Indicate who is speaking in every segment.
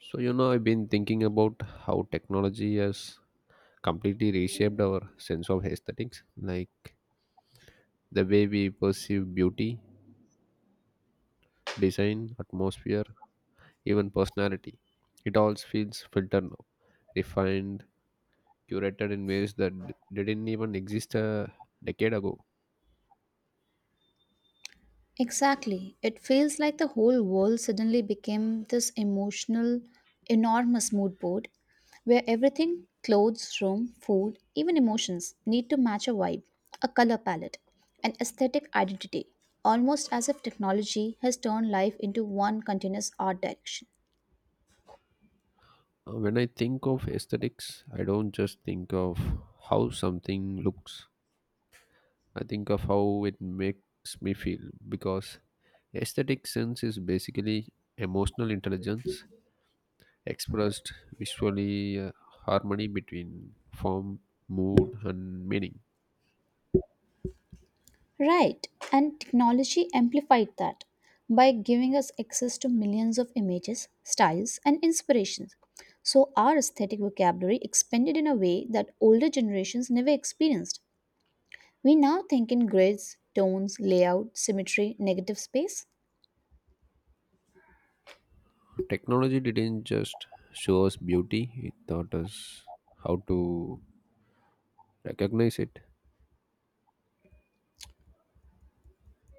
Speaker 1: So, you know, I've been thinking about how technology has completely reshaped our sense of aesthetics, like the way we perceive beauty, design, atmosphere, even personality. It all feels filtered now, refined, curated in ways that didn't even exist a decade ago.
Speaker 2: Exactly. It feels like the whole world suddenly became this emotional, enormous mood board where everything clothes, room, food, even emotions need to match a vibe, a color palette, an aesthetic identity, almost as if technology has turned life into one continuous art direction.
Speaker 1: When I think of aesthetics, I don't just think of how something looks. I think of how it makes me feel, because aesthetic sense is basically emotional intelligence expressed visually, harmony between form, mood, and meaning.
Speaker 2: Right, and technology amplified that by giving us access to millions of images, styles, and inspirations. So, our aesthetic vocabulary expanded in a way that older generations never experienced. We now think in grids, tones, layout, symmetry, negative space.
Speaker 1: Technology didn't just show us beauty, it taught us how to recognize it.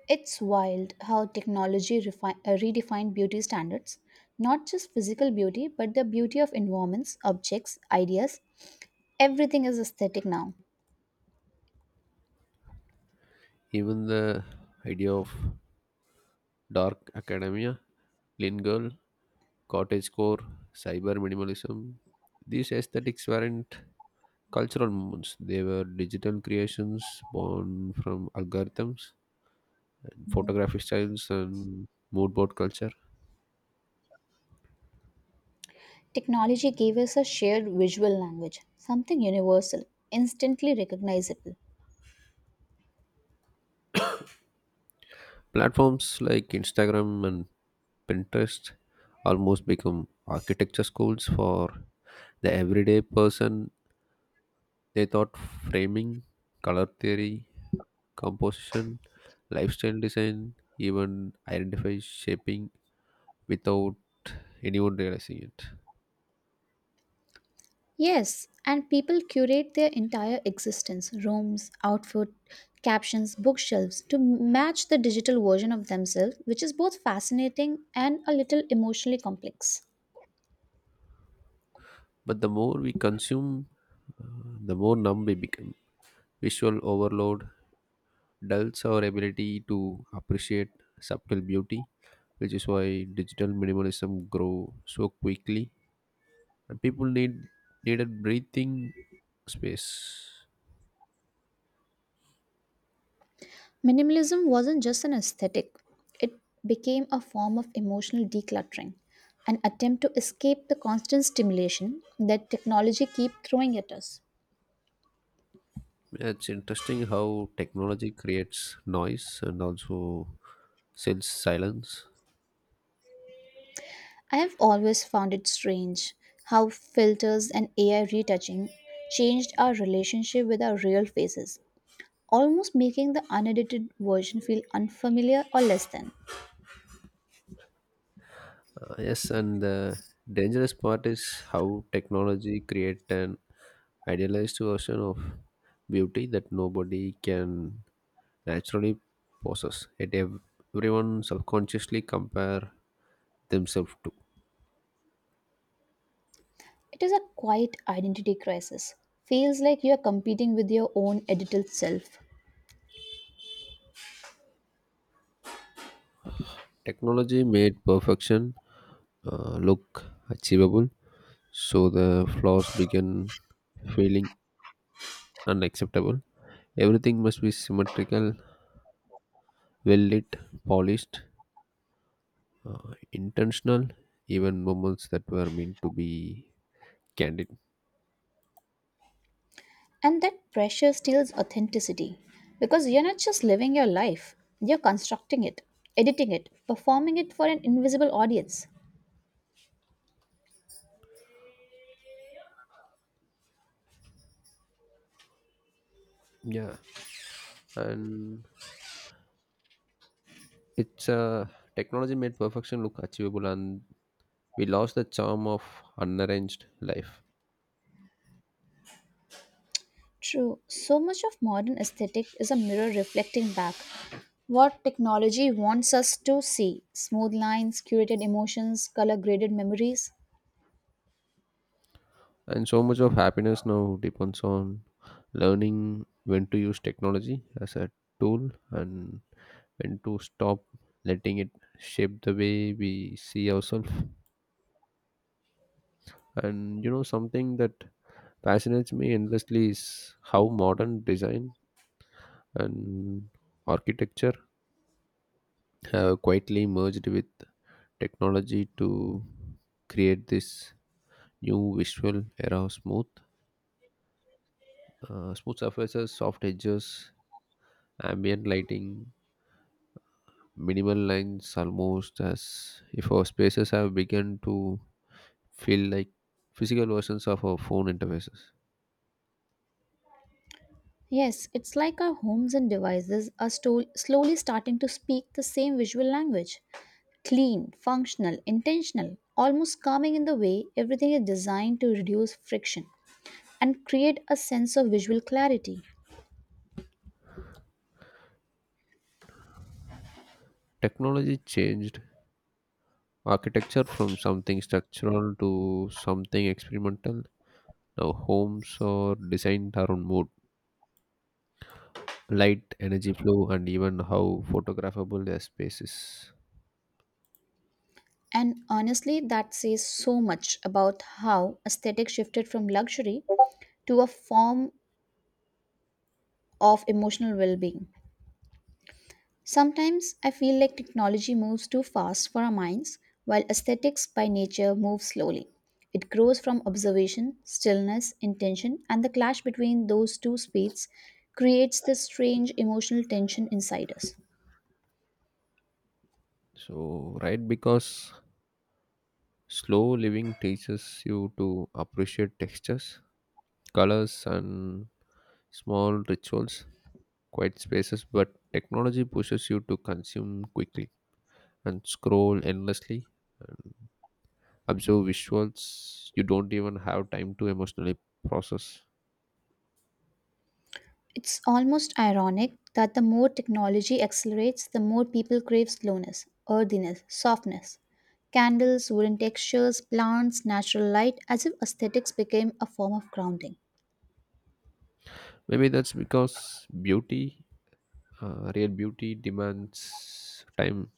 Speaker 2: It's wild how technology redefined beauty standards, not just physical beauty, but the beauty of environments, objects, ideas. Everything is aesthetic now.
Speaker 1: Even the idea of dark academia, clean girl, cottagecore, cyber minimalism, these aesthetics weren't cultural movements, they were digital creations born from algorithms, photography styles, and mood board culture.
Speaker 2: Technology gave us a shared visual language, something universal, instantly recognizable.
Speaker 1: Platforms like Instagram and Pinterest almost become architecture schools for the everyday person. They taught framing, color theory, composition, lifestyle design, even identify shaping without anyone realizing it.
Speaker 2: Yes, and people curate their entire existence, rooms, outfit, captions, bookshelves to match the digital version of themselves, which is both fascinating and a little emotionally complex.
Speaker 1: But the more we consume, uh, the more numb we become. Visual overload dulls our ability to appreciate subtle beauty, which is why digital minimalism grow so quickly. And people need needed breathing space.
Speaker 2: Minimalism wasn't just an aesthetic, it became a form of emotional decluttering, an attempt to escape the constant stimulation that technology keeps throwing at us.
Speaker 1: Yeah, it's interesting how technology creates noise and also sells silence.
Speaker 2: I have always found it strange how filters and AI retouching changed our relationship with our real faces, almost making the unedited version feel unfamiliar or less than.
Speaker 1: Yes, and the dangerous part is how technology create an idealized version of beauty that nobody can naturally possess, yet everyone subconsciously compare themselves to.
Speaker 2: It is a quiet identity crisis. Feels like you are competing with your own edited self.
Speaker 1: Technology made perfection look achievable, so the flaws began feeling unacceptable. Everything must be symmetrical, well lit, polished, intentional, even moments that were meant to be candid.
Speaker 2: And that pressure steals authenticity because you're not just living your life, you're constructing it, editing it, performing it for an invisible audience.
Speaker 1: Yeah, and it's technology made perfection look achievable, and we lost the charm of unarranged life.
Speaker 2: True, so much of modern aesthetic is a mirror reflecting back what technology wants us to see smooth lines, curated emotions, color graded memories.
Speaker 1: And so much of happiness now depends on learning when to use technology as a tool and when to stop letting it shape the way we see ourselves. And you know, something that fascinates me endlessly is how modern design and architecture have quietly merged with technology to create this new visual era of smooth surfaces, soft edges, ambient lighting, minimal lines, almost as if our spaces have begun to feel like physical versions of our phone interfaces.
Speaker 2: Yes, it's like our homes and devices are slowly starting to speak the same visual language. Clean, functional, intentional, almost calming in the way everything is designed to reduce friction and create a sense of visual clarity.
Speaker 1: Technology changed architecture from something structural to something experimental. Now, homes are designed around mood, light, energy flow, and even how photographable their space is.
Speaker 2: And honestly, that says so much about how aesthetics shifted from luxury to a form of emotional well being. Sometimes I feel like technology moves too fast for our minds, while aesthetics by nature moves slowly. It grows from observation, stillness, intention, and the clash between those two speeds creates this strange emotional tension inside us.
Speaker 1: So, right, because slow living teaches you to appreciate textures, colors, and small rituals, quiet spaces, but technology pushes you to consume quickly and scroll endlessly and observe visuals you don't even have time to emotionally process.
Speaker 2: It's almost ironic that the more technology accelerates, the more people crave slowness, earthiness, softness. Candles, wooden textures, plants, natural light, as if aesthetics became a form of grounding.
Speaker 1: Maybe that's because beauty, real beauty demands time.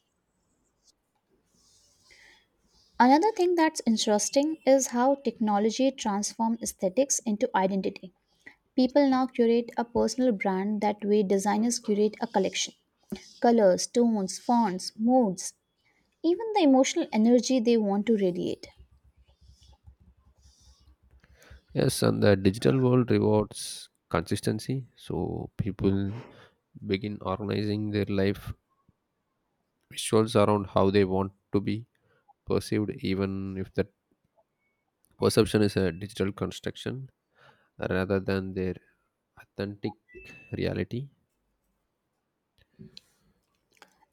Speaker 2: Another thing that's interesting is how technology transformed aesthetics into identity. People now curate a personal brand that way designers curate a collection. Colors, tones, fonts, moods, even the emotional energy they want to radiate.
Speaker 1: Yes, and the digital world rewards consistency, so people begin organizing their life visuals around how they want to be perceived, even if that perception is a digital construction rather than their authentic reality.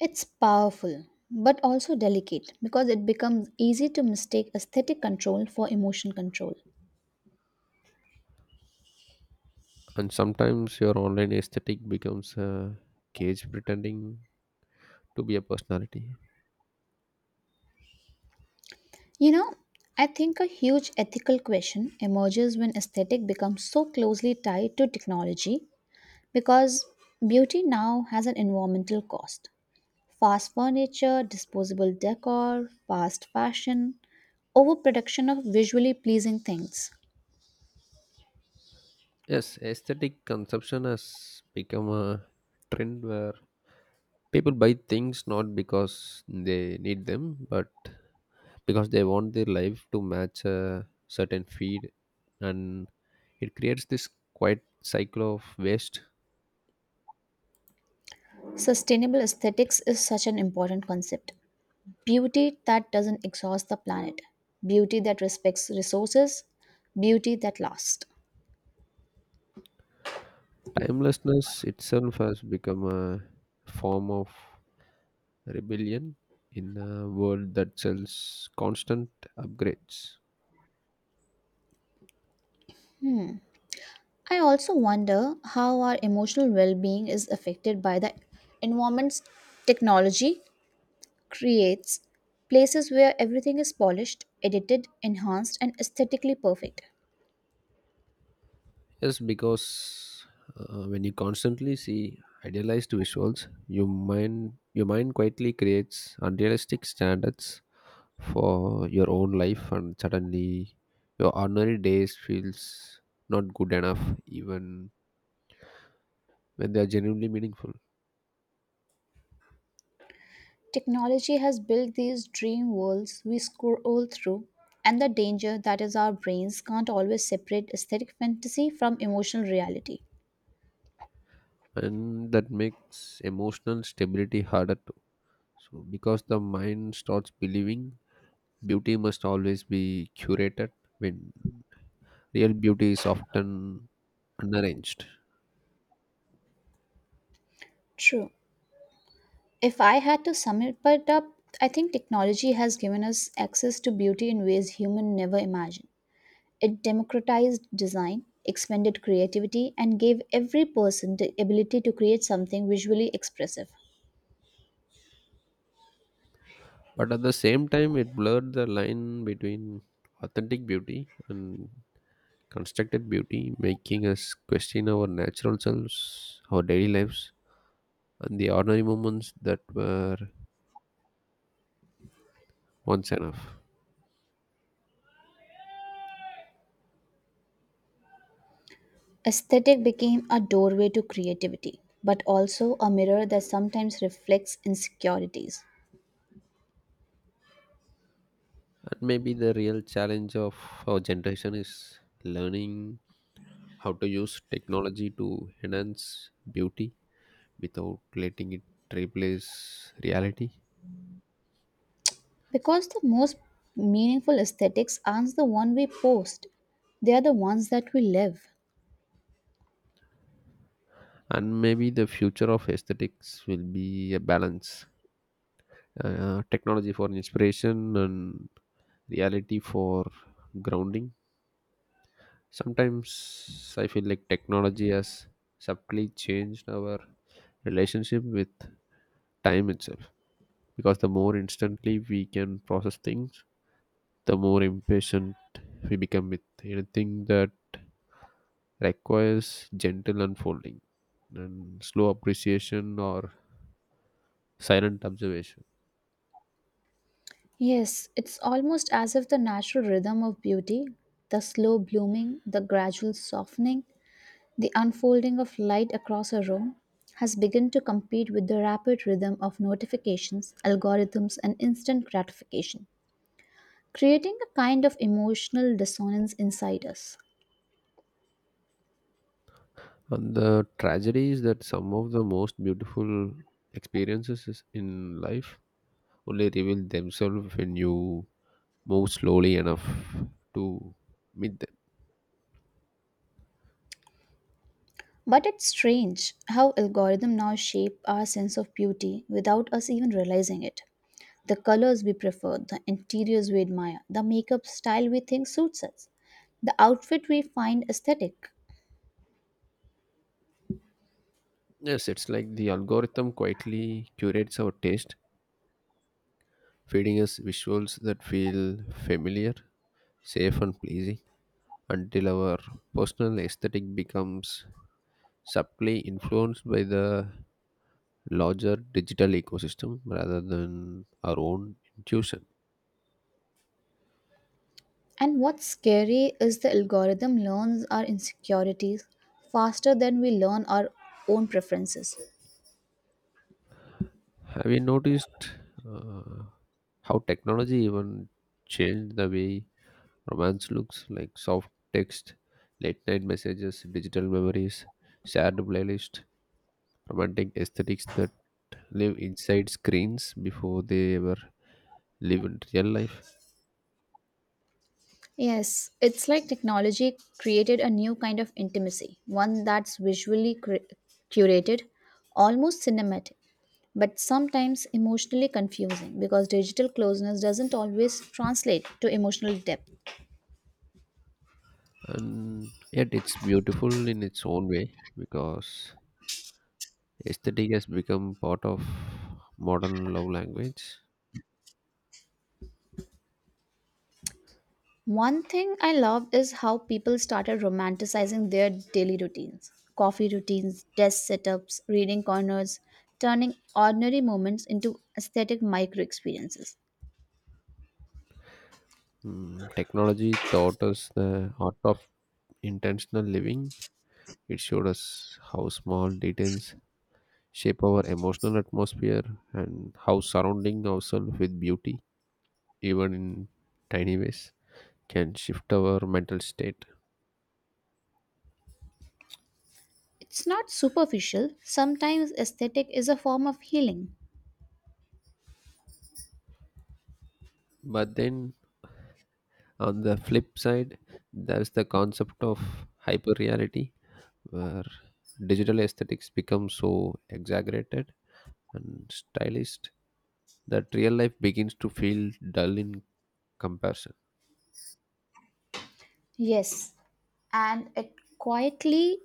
Speaker 2: It's powerful, but also delicate because it becomes easy to mistake aesthetic control for emotion control.
Speaker 1: And sometimes your online aesthetic becomes a cage pretending to be a personality.
Speaker 2: You know, I think a huge ethical question emerges when aesthetic becomes so closely tied to technology because beauty now has an environmental cost. Fast furniture, disposable decor, fast fashion, overproduction of visually pleasing things.
Speaker 1: Yes, aesthetic consumption has become a trend where people buy things not because they need them but because they want their life to match a certain feed, and it creates this quiet cycle of waste.
Speaker 2: Sustainable aesthetics is such an important concept. Beauty that doesn't exhaust the planet, beauty that respects resources, beauty that lasts.
Speaker 1: Timelessness itself has become a form of rebellion in a world that sells constant upgrades.
Speaker 2: I also wonder how our emotional well being is affected by the environments technology creates, places where everything is polished, edited, enhanced, and aesthetically perfect.
Speaker 1: Yes, because when you constantly see idealized visuals, your mind quietly creates unrealistic standards for your own life, and suddenly your ordinary days feels not good enough, even when they are genuinely meaningful,
Speaker 2: Technology has built these dream worlds we scroll through, and the danger that is our brains can't always separate aesthetic fantasy from emotional reality.
Speaker 1: and that makes emotional stability harder to. So, because the mind starts believing beauty must always be curated when real beauty is often unarranged.
Speaker 2: True. If I had to sum it but up, I think technology has given us access to beauty in ways human never imagined. It democratized design, expanded creativity, and gave every person the ability to create something visually expressive.
Speaker 1: But at the same time, it blurred the line between authentic beauty and constructed beauty, making us question our natural selves, our daily lives, and the ordinary moments that were once enough.
Speaker 2: Aesthetic became a doorway to creativity, but also a mirror that sometimes reflects insecurities.
Speaker 1: And maybe the real challenge of our generation is learning how to use technology to enhance beauty without letting it replace reality.
Speaker 2: Because the most meaningful aesthetics aren't the one we post, they are the ones that we live.
Speaker 1: And maybe the future of aesthetics will be a balance, technology for inspiration and reality for grounding. Sometimes I feel like technology has subtly changed our relationship with time itself, because the more instantly we can process things, the more impatient we become with anything that requires gentle unfolding and slow appreciation or silent observation.
Speaker 2: Yes, it's almost as if the natural rhythm of beauty, the slow blooming, the gradual softening, the unfolding of light across a room, has begun to compete with the rapid rhythm of notifications, algorithms, and instant gratification, creating a kind of emotional dissonance inside us.
Speaker 1: And the tragedy is that some of the most beautiful in life only reveal themselves when you move slowly enough to meet them.
Speaker 2: But it's strange how algorithms now shape our sense of beauty without us even realizing it. The colors we prefer, the interiors we admire, the makeup style we think suits us, the outfit we find aesthetic.
Speaker 1: Yes, it's like the algorithm quietly curates our taste, feeding us visuals that feel familiar, safe, and pleasing until our personal aesthetic becomes subtly influenced by the larger digital ecosystem rather than our own intuition.
Speaker 2: And what's scary is the algorithm learns our insecurities faster than we learn our own preferences.
Speaker 1: Have you noticed uh, how technology even changed the way romance looks? Like soft text, late night messages, digital memories, shared playlist, romantic aesthetics that live inside screens before they ever live in real life.
Speaker 2: Yes, it's like technology created a new kind of intimacy, one that's curated, almost cinematic, but sometimes emotionally confusing because digital closeness doesn't always translate to emotional depth.
Speaker 1: And yet, it's beautiful in its own way because aesthetic has become part of modern love language.
Speaker 2: One thing I love is how people started romanticizing their daily routines coffee routines, desk setups, reading corners, turning ordinary moments into aesthetic micro experiences.
Speaker 1: Mm, technology taught us the art of intentional living. It showed us how small details shape our emotional atmosphere and how surrounding ourselves with beauty, even in tiny ways, can shift our mental state.
Speaker 2: It's not superficial. Sometimes aesthetic is a form of healing.
Speaker 1: But then on the flip side, there's the concept of hyperreality, where digital aesthetics become so exaggerated and stylized that real life begins to feel dull in comparison.
Speaker 2: Yes, and it quietly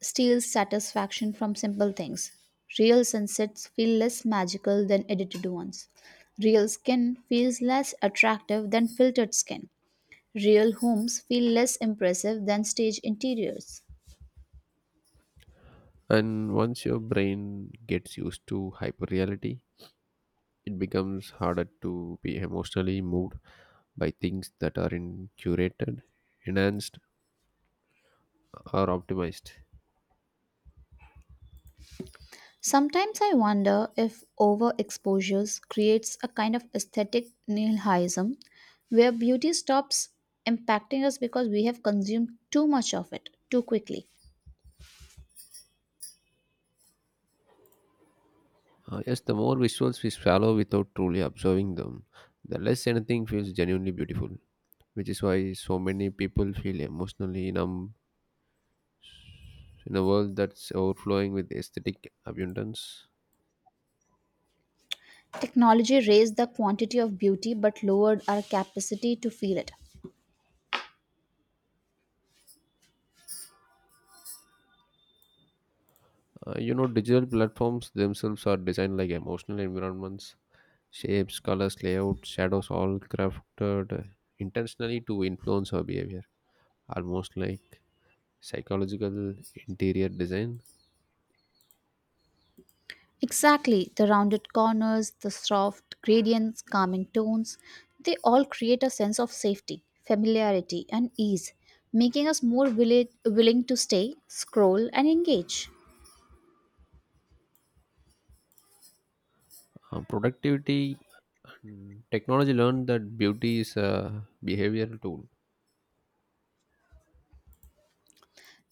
Speaker 2: steals satisfaction from simple things. Real sunsets feel less magical than edited ones. Real skin feels less attractive than filtered skin. Real homes feel less impressive than stage interiors.
Speaker 1: And once your brain gets used to hyperreality, it becomes harder to be emotionally moved by things that are in curated, enhanced, or optimized.
Speaker 2: Sometimes I wonder if overexposures creates a kind of aesthetic nihilism where beauty stops impacting us because we have consumed too much of it too quickly.
Speaker 1: Yes, the more visuals we swallow without truly observing them, the less anything feels genuinely beautiful, which is why so many people feel emotionally numb in a world that's overflowing with aesthetic abundance.
Speaker 2: Technology raised the quantity of beauty but lowered our capacity to feel it.
Speaker 1: You know, digital platforms themselves are designed like emotional environments. Shapes, colors, layout, shadows, all crafted intentionally to influence our behavior, almost like psychological interior design.
Speaker 2: Exactly, the rounded corners, the soft gradients, calming tones, they all create a sense of safety, familiarity, and ease, making us more willing to stay, scroll, and engage.
Speaker 1: Productivity and technology learned that beauty is a behavioral tool.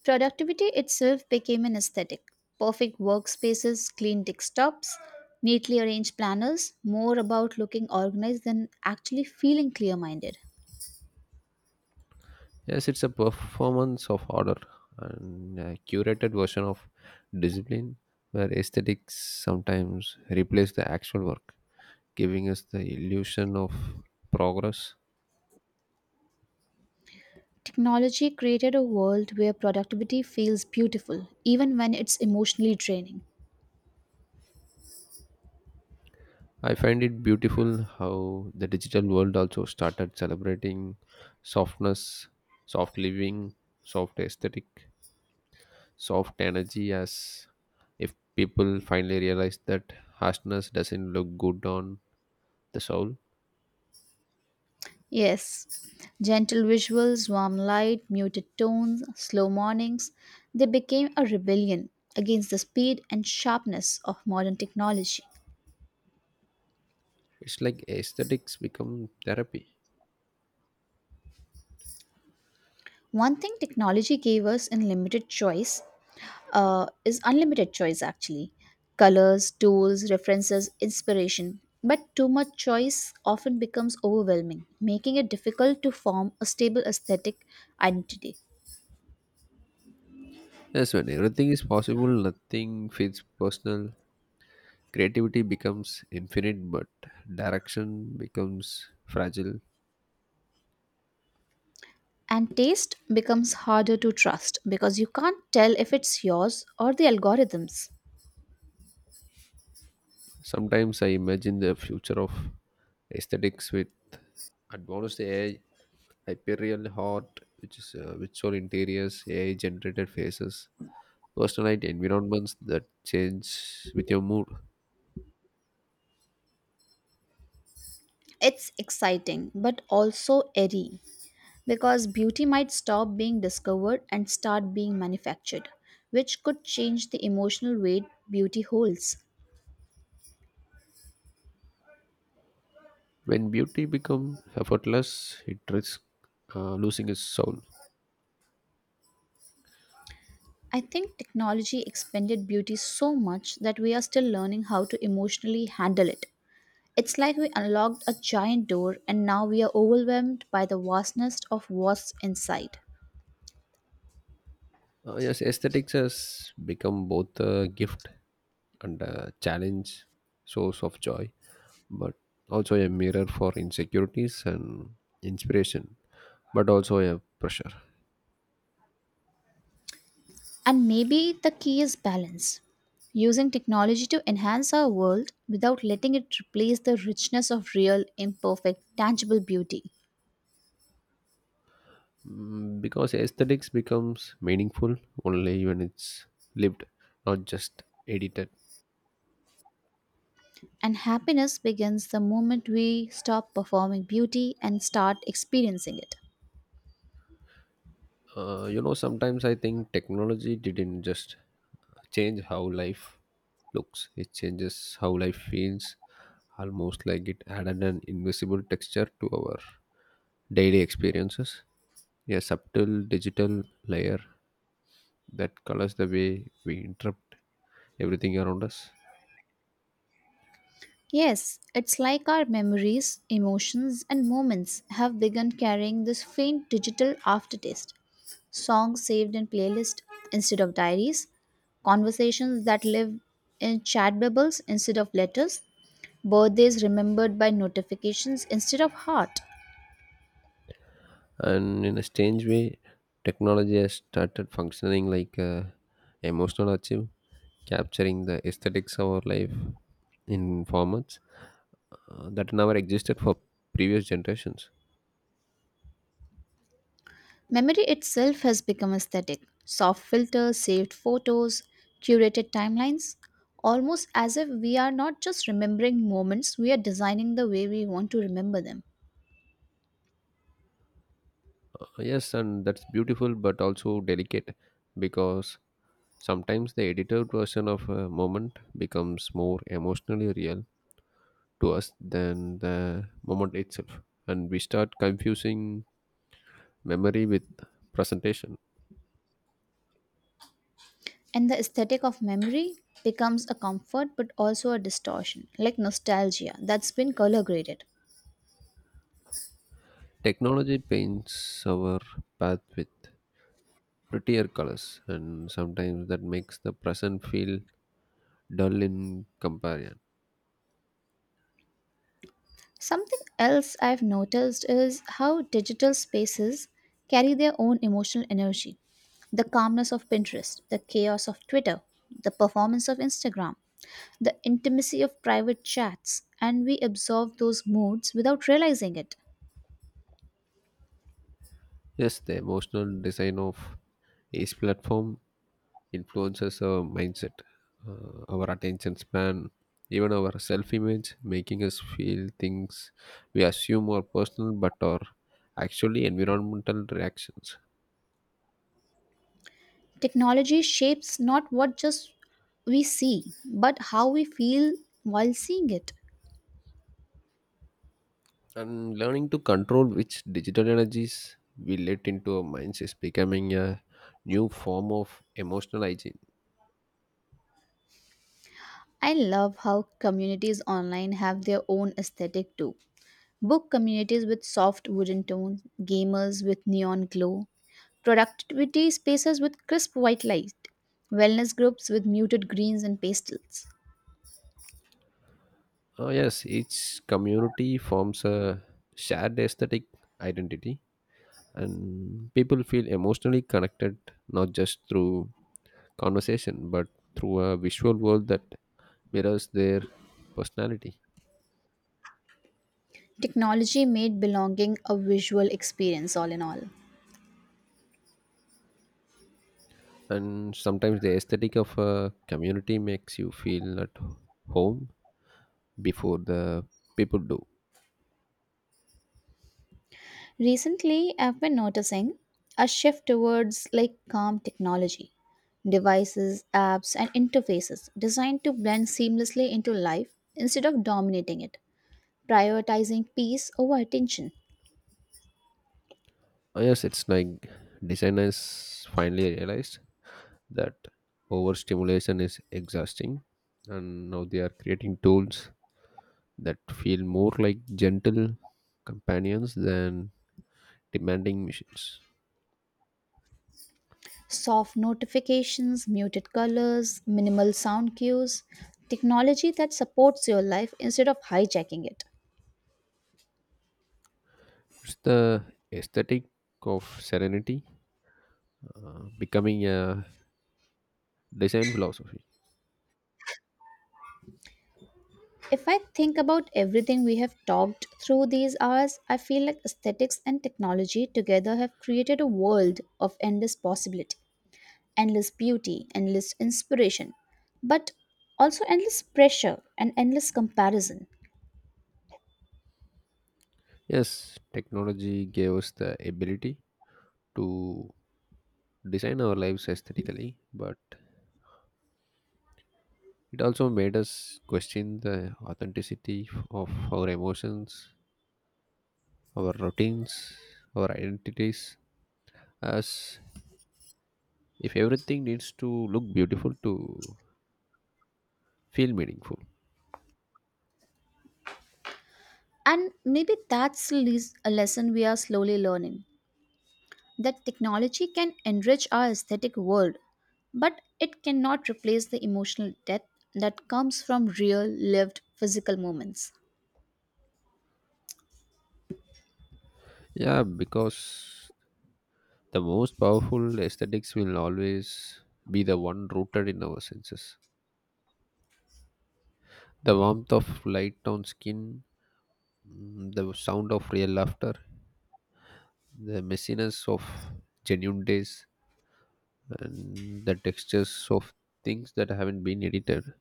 Speaker 2: Productivity itself became an aesthetic. Perfect workspaces, clean desktops, neatly arranged planners, more about looking organized than actually feeling clear minded.
Speaker 1: Yes, it's a performance of order and a curated version of discipline where aesthetics sometimes replace the actual work, giving us the illusion of progress.
Speaker 2: Technology created a world where productivity feels beautiful, even when it's emotionally draining.
Speaker 1: I find it beautiful how the digital world also started celebrating softness, soft living, soft aesthetic, soft energy, as if people finally realize that harshness doesn't look good on the soul.
Speaker 2: Yes, gentle visuals, warm light, muted tones, slow mornings, they became a rebellion against the speed and sharpness of modern technology.
Speaker 1: It's like aesthetics become therapy.
Speaker 2: One thing technology gave us in limited choice is unlimited choice actually colors, tools, references, inspiration. But too much choice often becomes overwhelming, making it difficult to form a stable aesthetic identity.
Speaker 1: Yes, when everything is possible, nothing feels personal. Creativity becomes infinite, but direction becomes fragile.
Speaker 2: And taste becomes harder to trust because you can't tell if it's yours or the algorithms.
Speaker 1: Sometimes I imagine the future of aesthetics with advanced AI, hyperreal art, which is virtual interiors, AI generated faces, personalized environments that change with your mood.
Speaker 2: It's exciting but also airy because beauty might stop being discovered and start being manufactured, which could change the emotional weight beauty holds.
Speaker 1: When beauty becomes effortless, it risks losing its soul.
Speaker 2: I think technology expanded beauty so much that we are still learning how to emotionally handle it. It's like we unlocked a giant door and now we are overwhelmed by the vastness of what's inside.
Speaker 1: Yes, aesthetics has become both a gift and a challenge, source of joy, but also a mirror for insecurities and inspiration, but also a pressure.
Speaker 2: And maybe the key is balance using technology to enhance our world without letting it replace the richness of real, imperfect, tangible beauty.
Speaker 1: Mm, because aesthetics becomes meaningful only when it's lived, not just edited.
Speaker 2: And happiness begins the moment we stop performing beauty and start experiencing it.
Speaker 1: You know, sometimes I think technology didn't just change how life looks, it changes how life feels, almost like it added an invisible texture to our daily experiences, a subtle digital layer that colors the way we interpret everything around us.
Speaker 2: Yes, it's like our memories, emotions, and moments have begun carrying this faint digital aftertaste. Songs saved in playlists instead of diaries, conversations that live in chat bubbles instead of letters, birthdays remembered by notifications instead of heart.
Speaker 1: And in a strange way, technology has started functioning like a emotional archive, capturing the aesthetics of our life in formats that never existed for previous generations.
Speaker 2: Memory itself has become aesthetic. Soft filters, saved photos, curated timelines, almost as if we are not just remembering moments, we are designing the way we want to remember them.
Speaker 1: Yes, and that's beautiful but also delicate because sometimes the edited version of a moment becomes more emotionally real to us than the moment itself. And we start confusing memory with presentation.
Speaker 2: And the aesthetic of memory becomes a comfort but also a distortion, like nostalgia that's been color graded.
Speaker 1: Technology paints our path with prettier colors, and sometimes that makes the present feel dull in comparison.
Speaker 2: Something else I've noticed is how digital spaces carry their own emotional energy the calmness of Pinterest, the chaos of Twitter, the performance of Instagram, the intimacy of private chats, and we absorb those moods without realizing it.
Speaker 1: Yes, the emotional design of each platform influences our mindset, our attention span, even our self image, making us feel things we assume are personal but are actually environmental reactions.
Speaker 2: Technology shapes not what just we see, but how we feel while seeing it.
Speaker 1: And learning to control which digital energies we let into our minds is becoming a new form of emotional hygiene.
Speaker 2: I love how communities online have their own aesthetic too. Book communities with soft wooden tones, gamers with neon glow, productivity spaces with crisp white light, wellness groups with muted greens and pastels.
Speaker 1: Oh, yes, each community forms a shared aesthetic identity, and people feel emotionally connected not just through conversation but through a visual world that mirrors their personality.
Speaker 2: Technology made belonging a visual experience, all in all.
Speaker 1: And sometimes the aesthetic of a community makes you feel at home before the people do.
Speaker 2: Recently, I've been noticing a shift towards like calm technology, devices, apps, and interfaces designed to blend seamlessly into life instead of dominating it, prioritizing peace over attention.
Speaker 1: Oh, yes, it's like designers finally realized that overstimulation is exhausting, and now they are creating tools that feel more like gentle companions than demanding machines.
Speaker 2: Soft notifications, muted colors, minimal sound cues, technology that supports your life instead of hijacking it.
Speaker 1: It's the aesthetic of serenity becoming a design philosophy.
Speaker 2: If I think about everything we have talked through these hours, I feel like aesthetics and technology together have created a world of endless possibility, endless beauty, endless inspiration, but also endless pressure and endless comparison.
Speaker 1: Yes, technology gave us the ability to design our lives aesthetically, but it also made us question the authenticity of our emotions, our routines, our identities, as if everything needs to look beautiful to feel meaningful.
Speaker 2: And maybe that's a lesson we are slowly learning that technology can enrich our aesthetic world, but it cannot replace the emotional depth that comes from real, lived, physical moments.
Speaker 1: Yeah, because the most powerful aesthetics will always be the one rooted in our senses. The warmth of light on skin, mm, the sound of real laughter, the messiness of genuine days, and the textures of things that haven't been edited.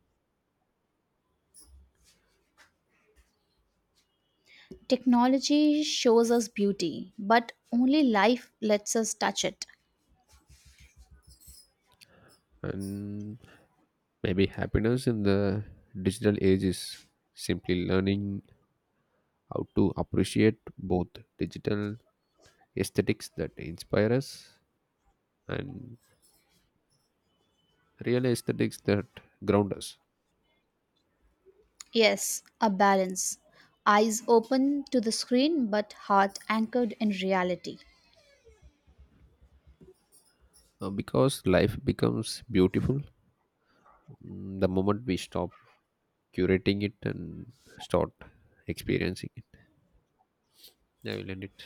Speaker 2: Technology shows us beauty, but only life lets us touch it.
Speaker 1: And maybe happiness in the digital age is simply learning how to appreciate both digital aesthetics that inspire us and real aesthetics that ground us.
Speaker 2: Yes, a balance. Eyes open to the screen, but heart anchored in reality.
Speaker 1: Because life becomes beautiful, mm, the moment we stop curating it and start experiencing it. Yeah, we'll end it.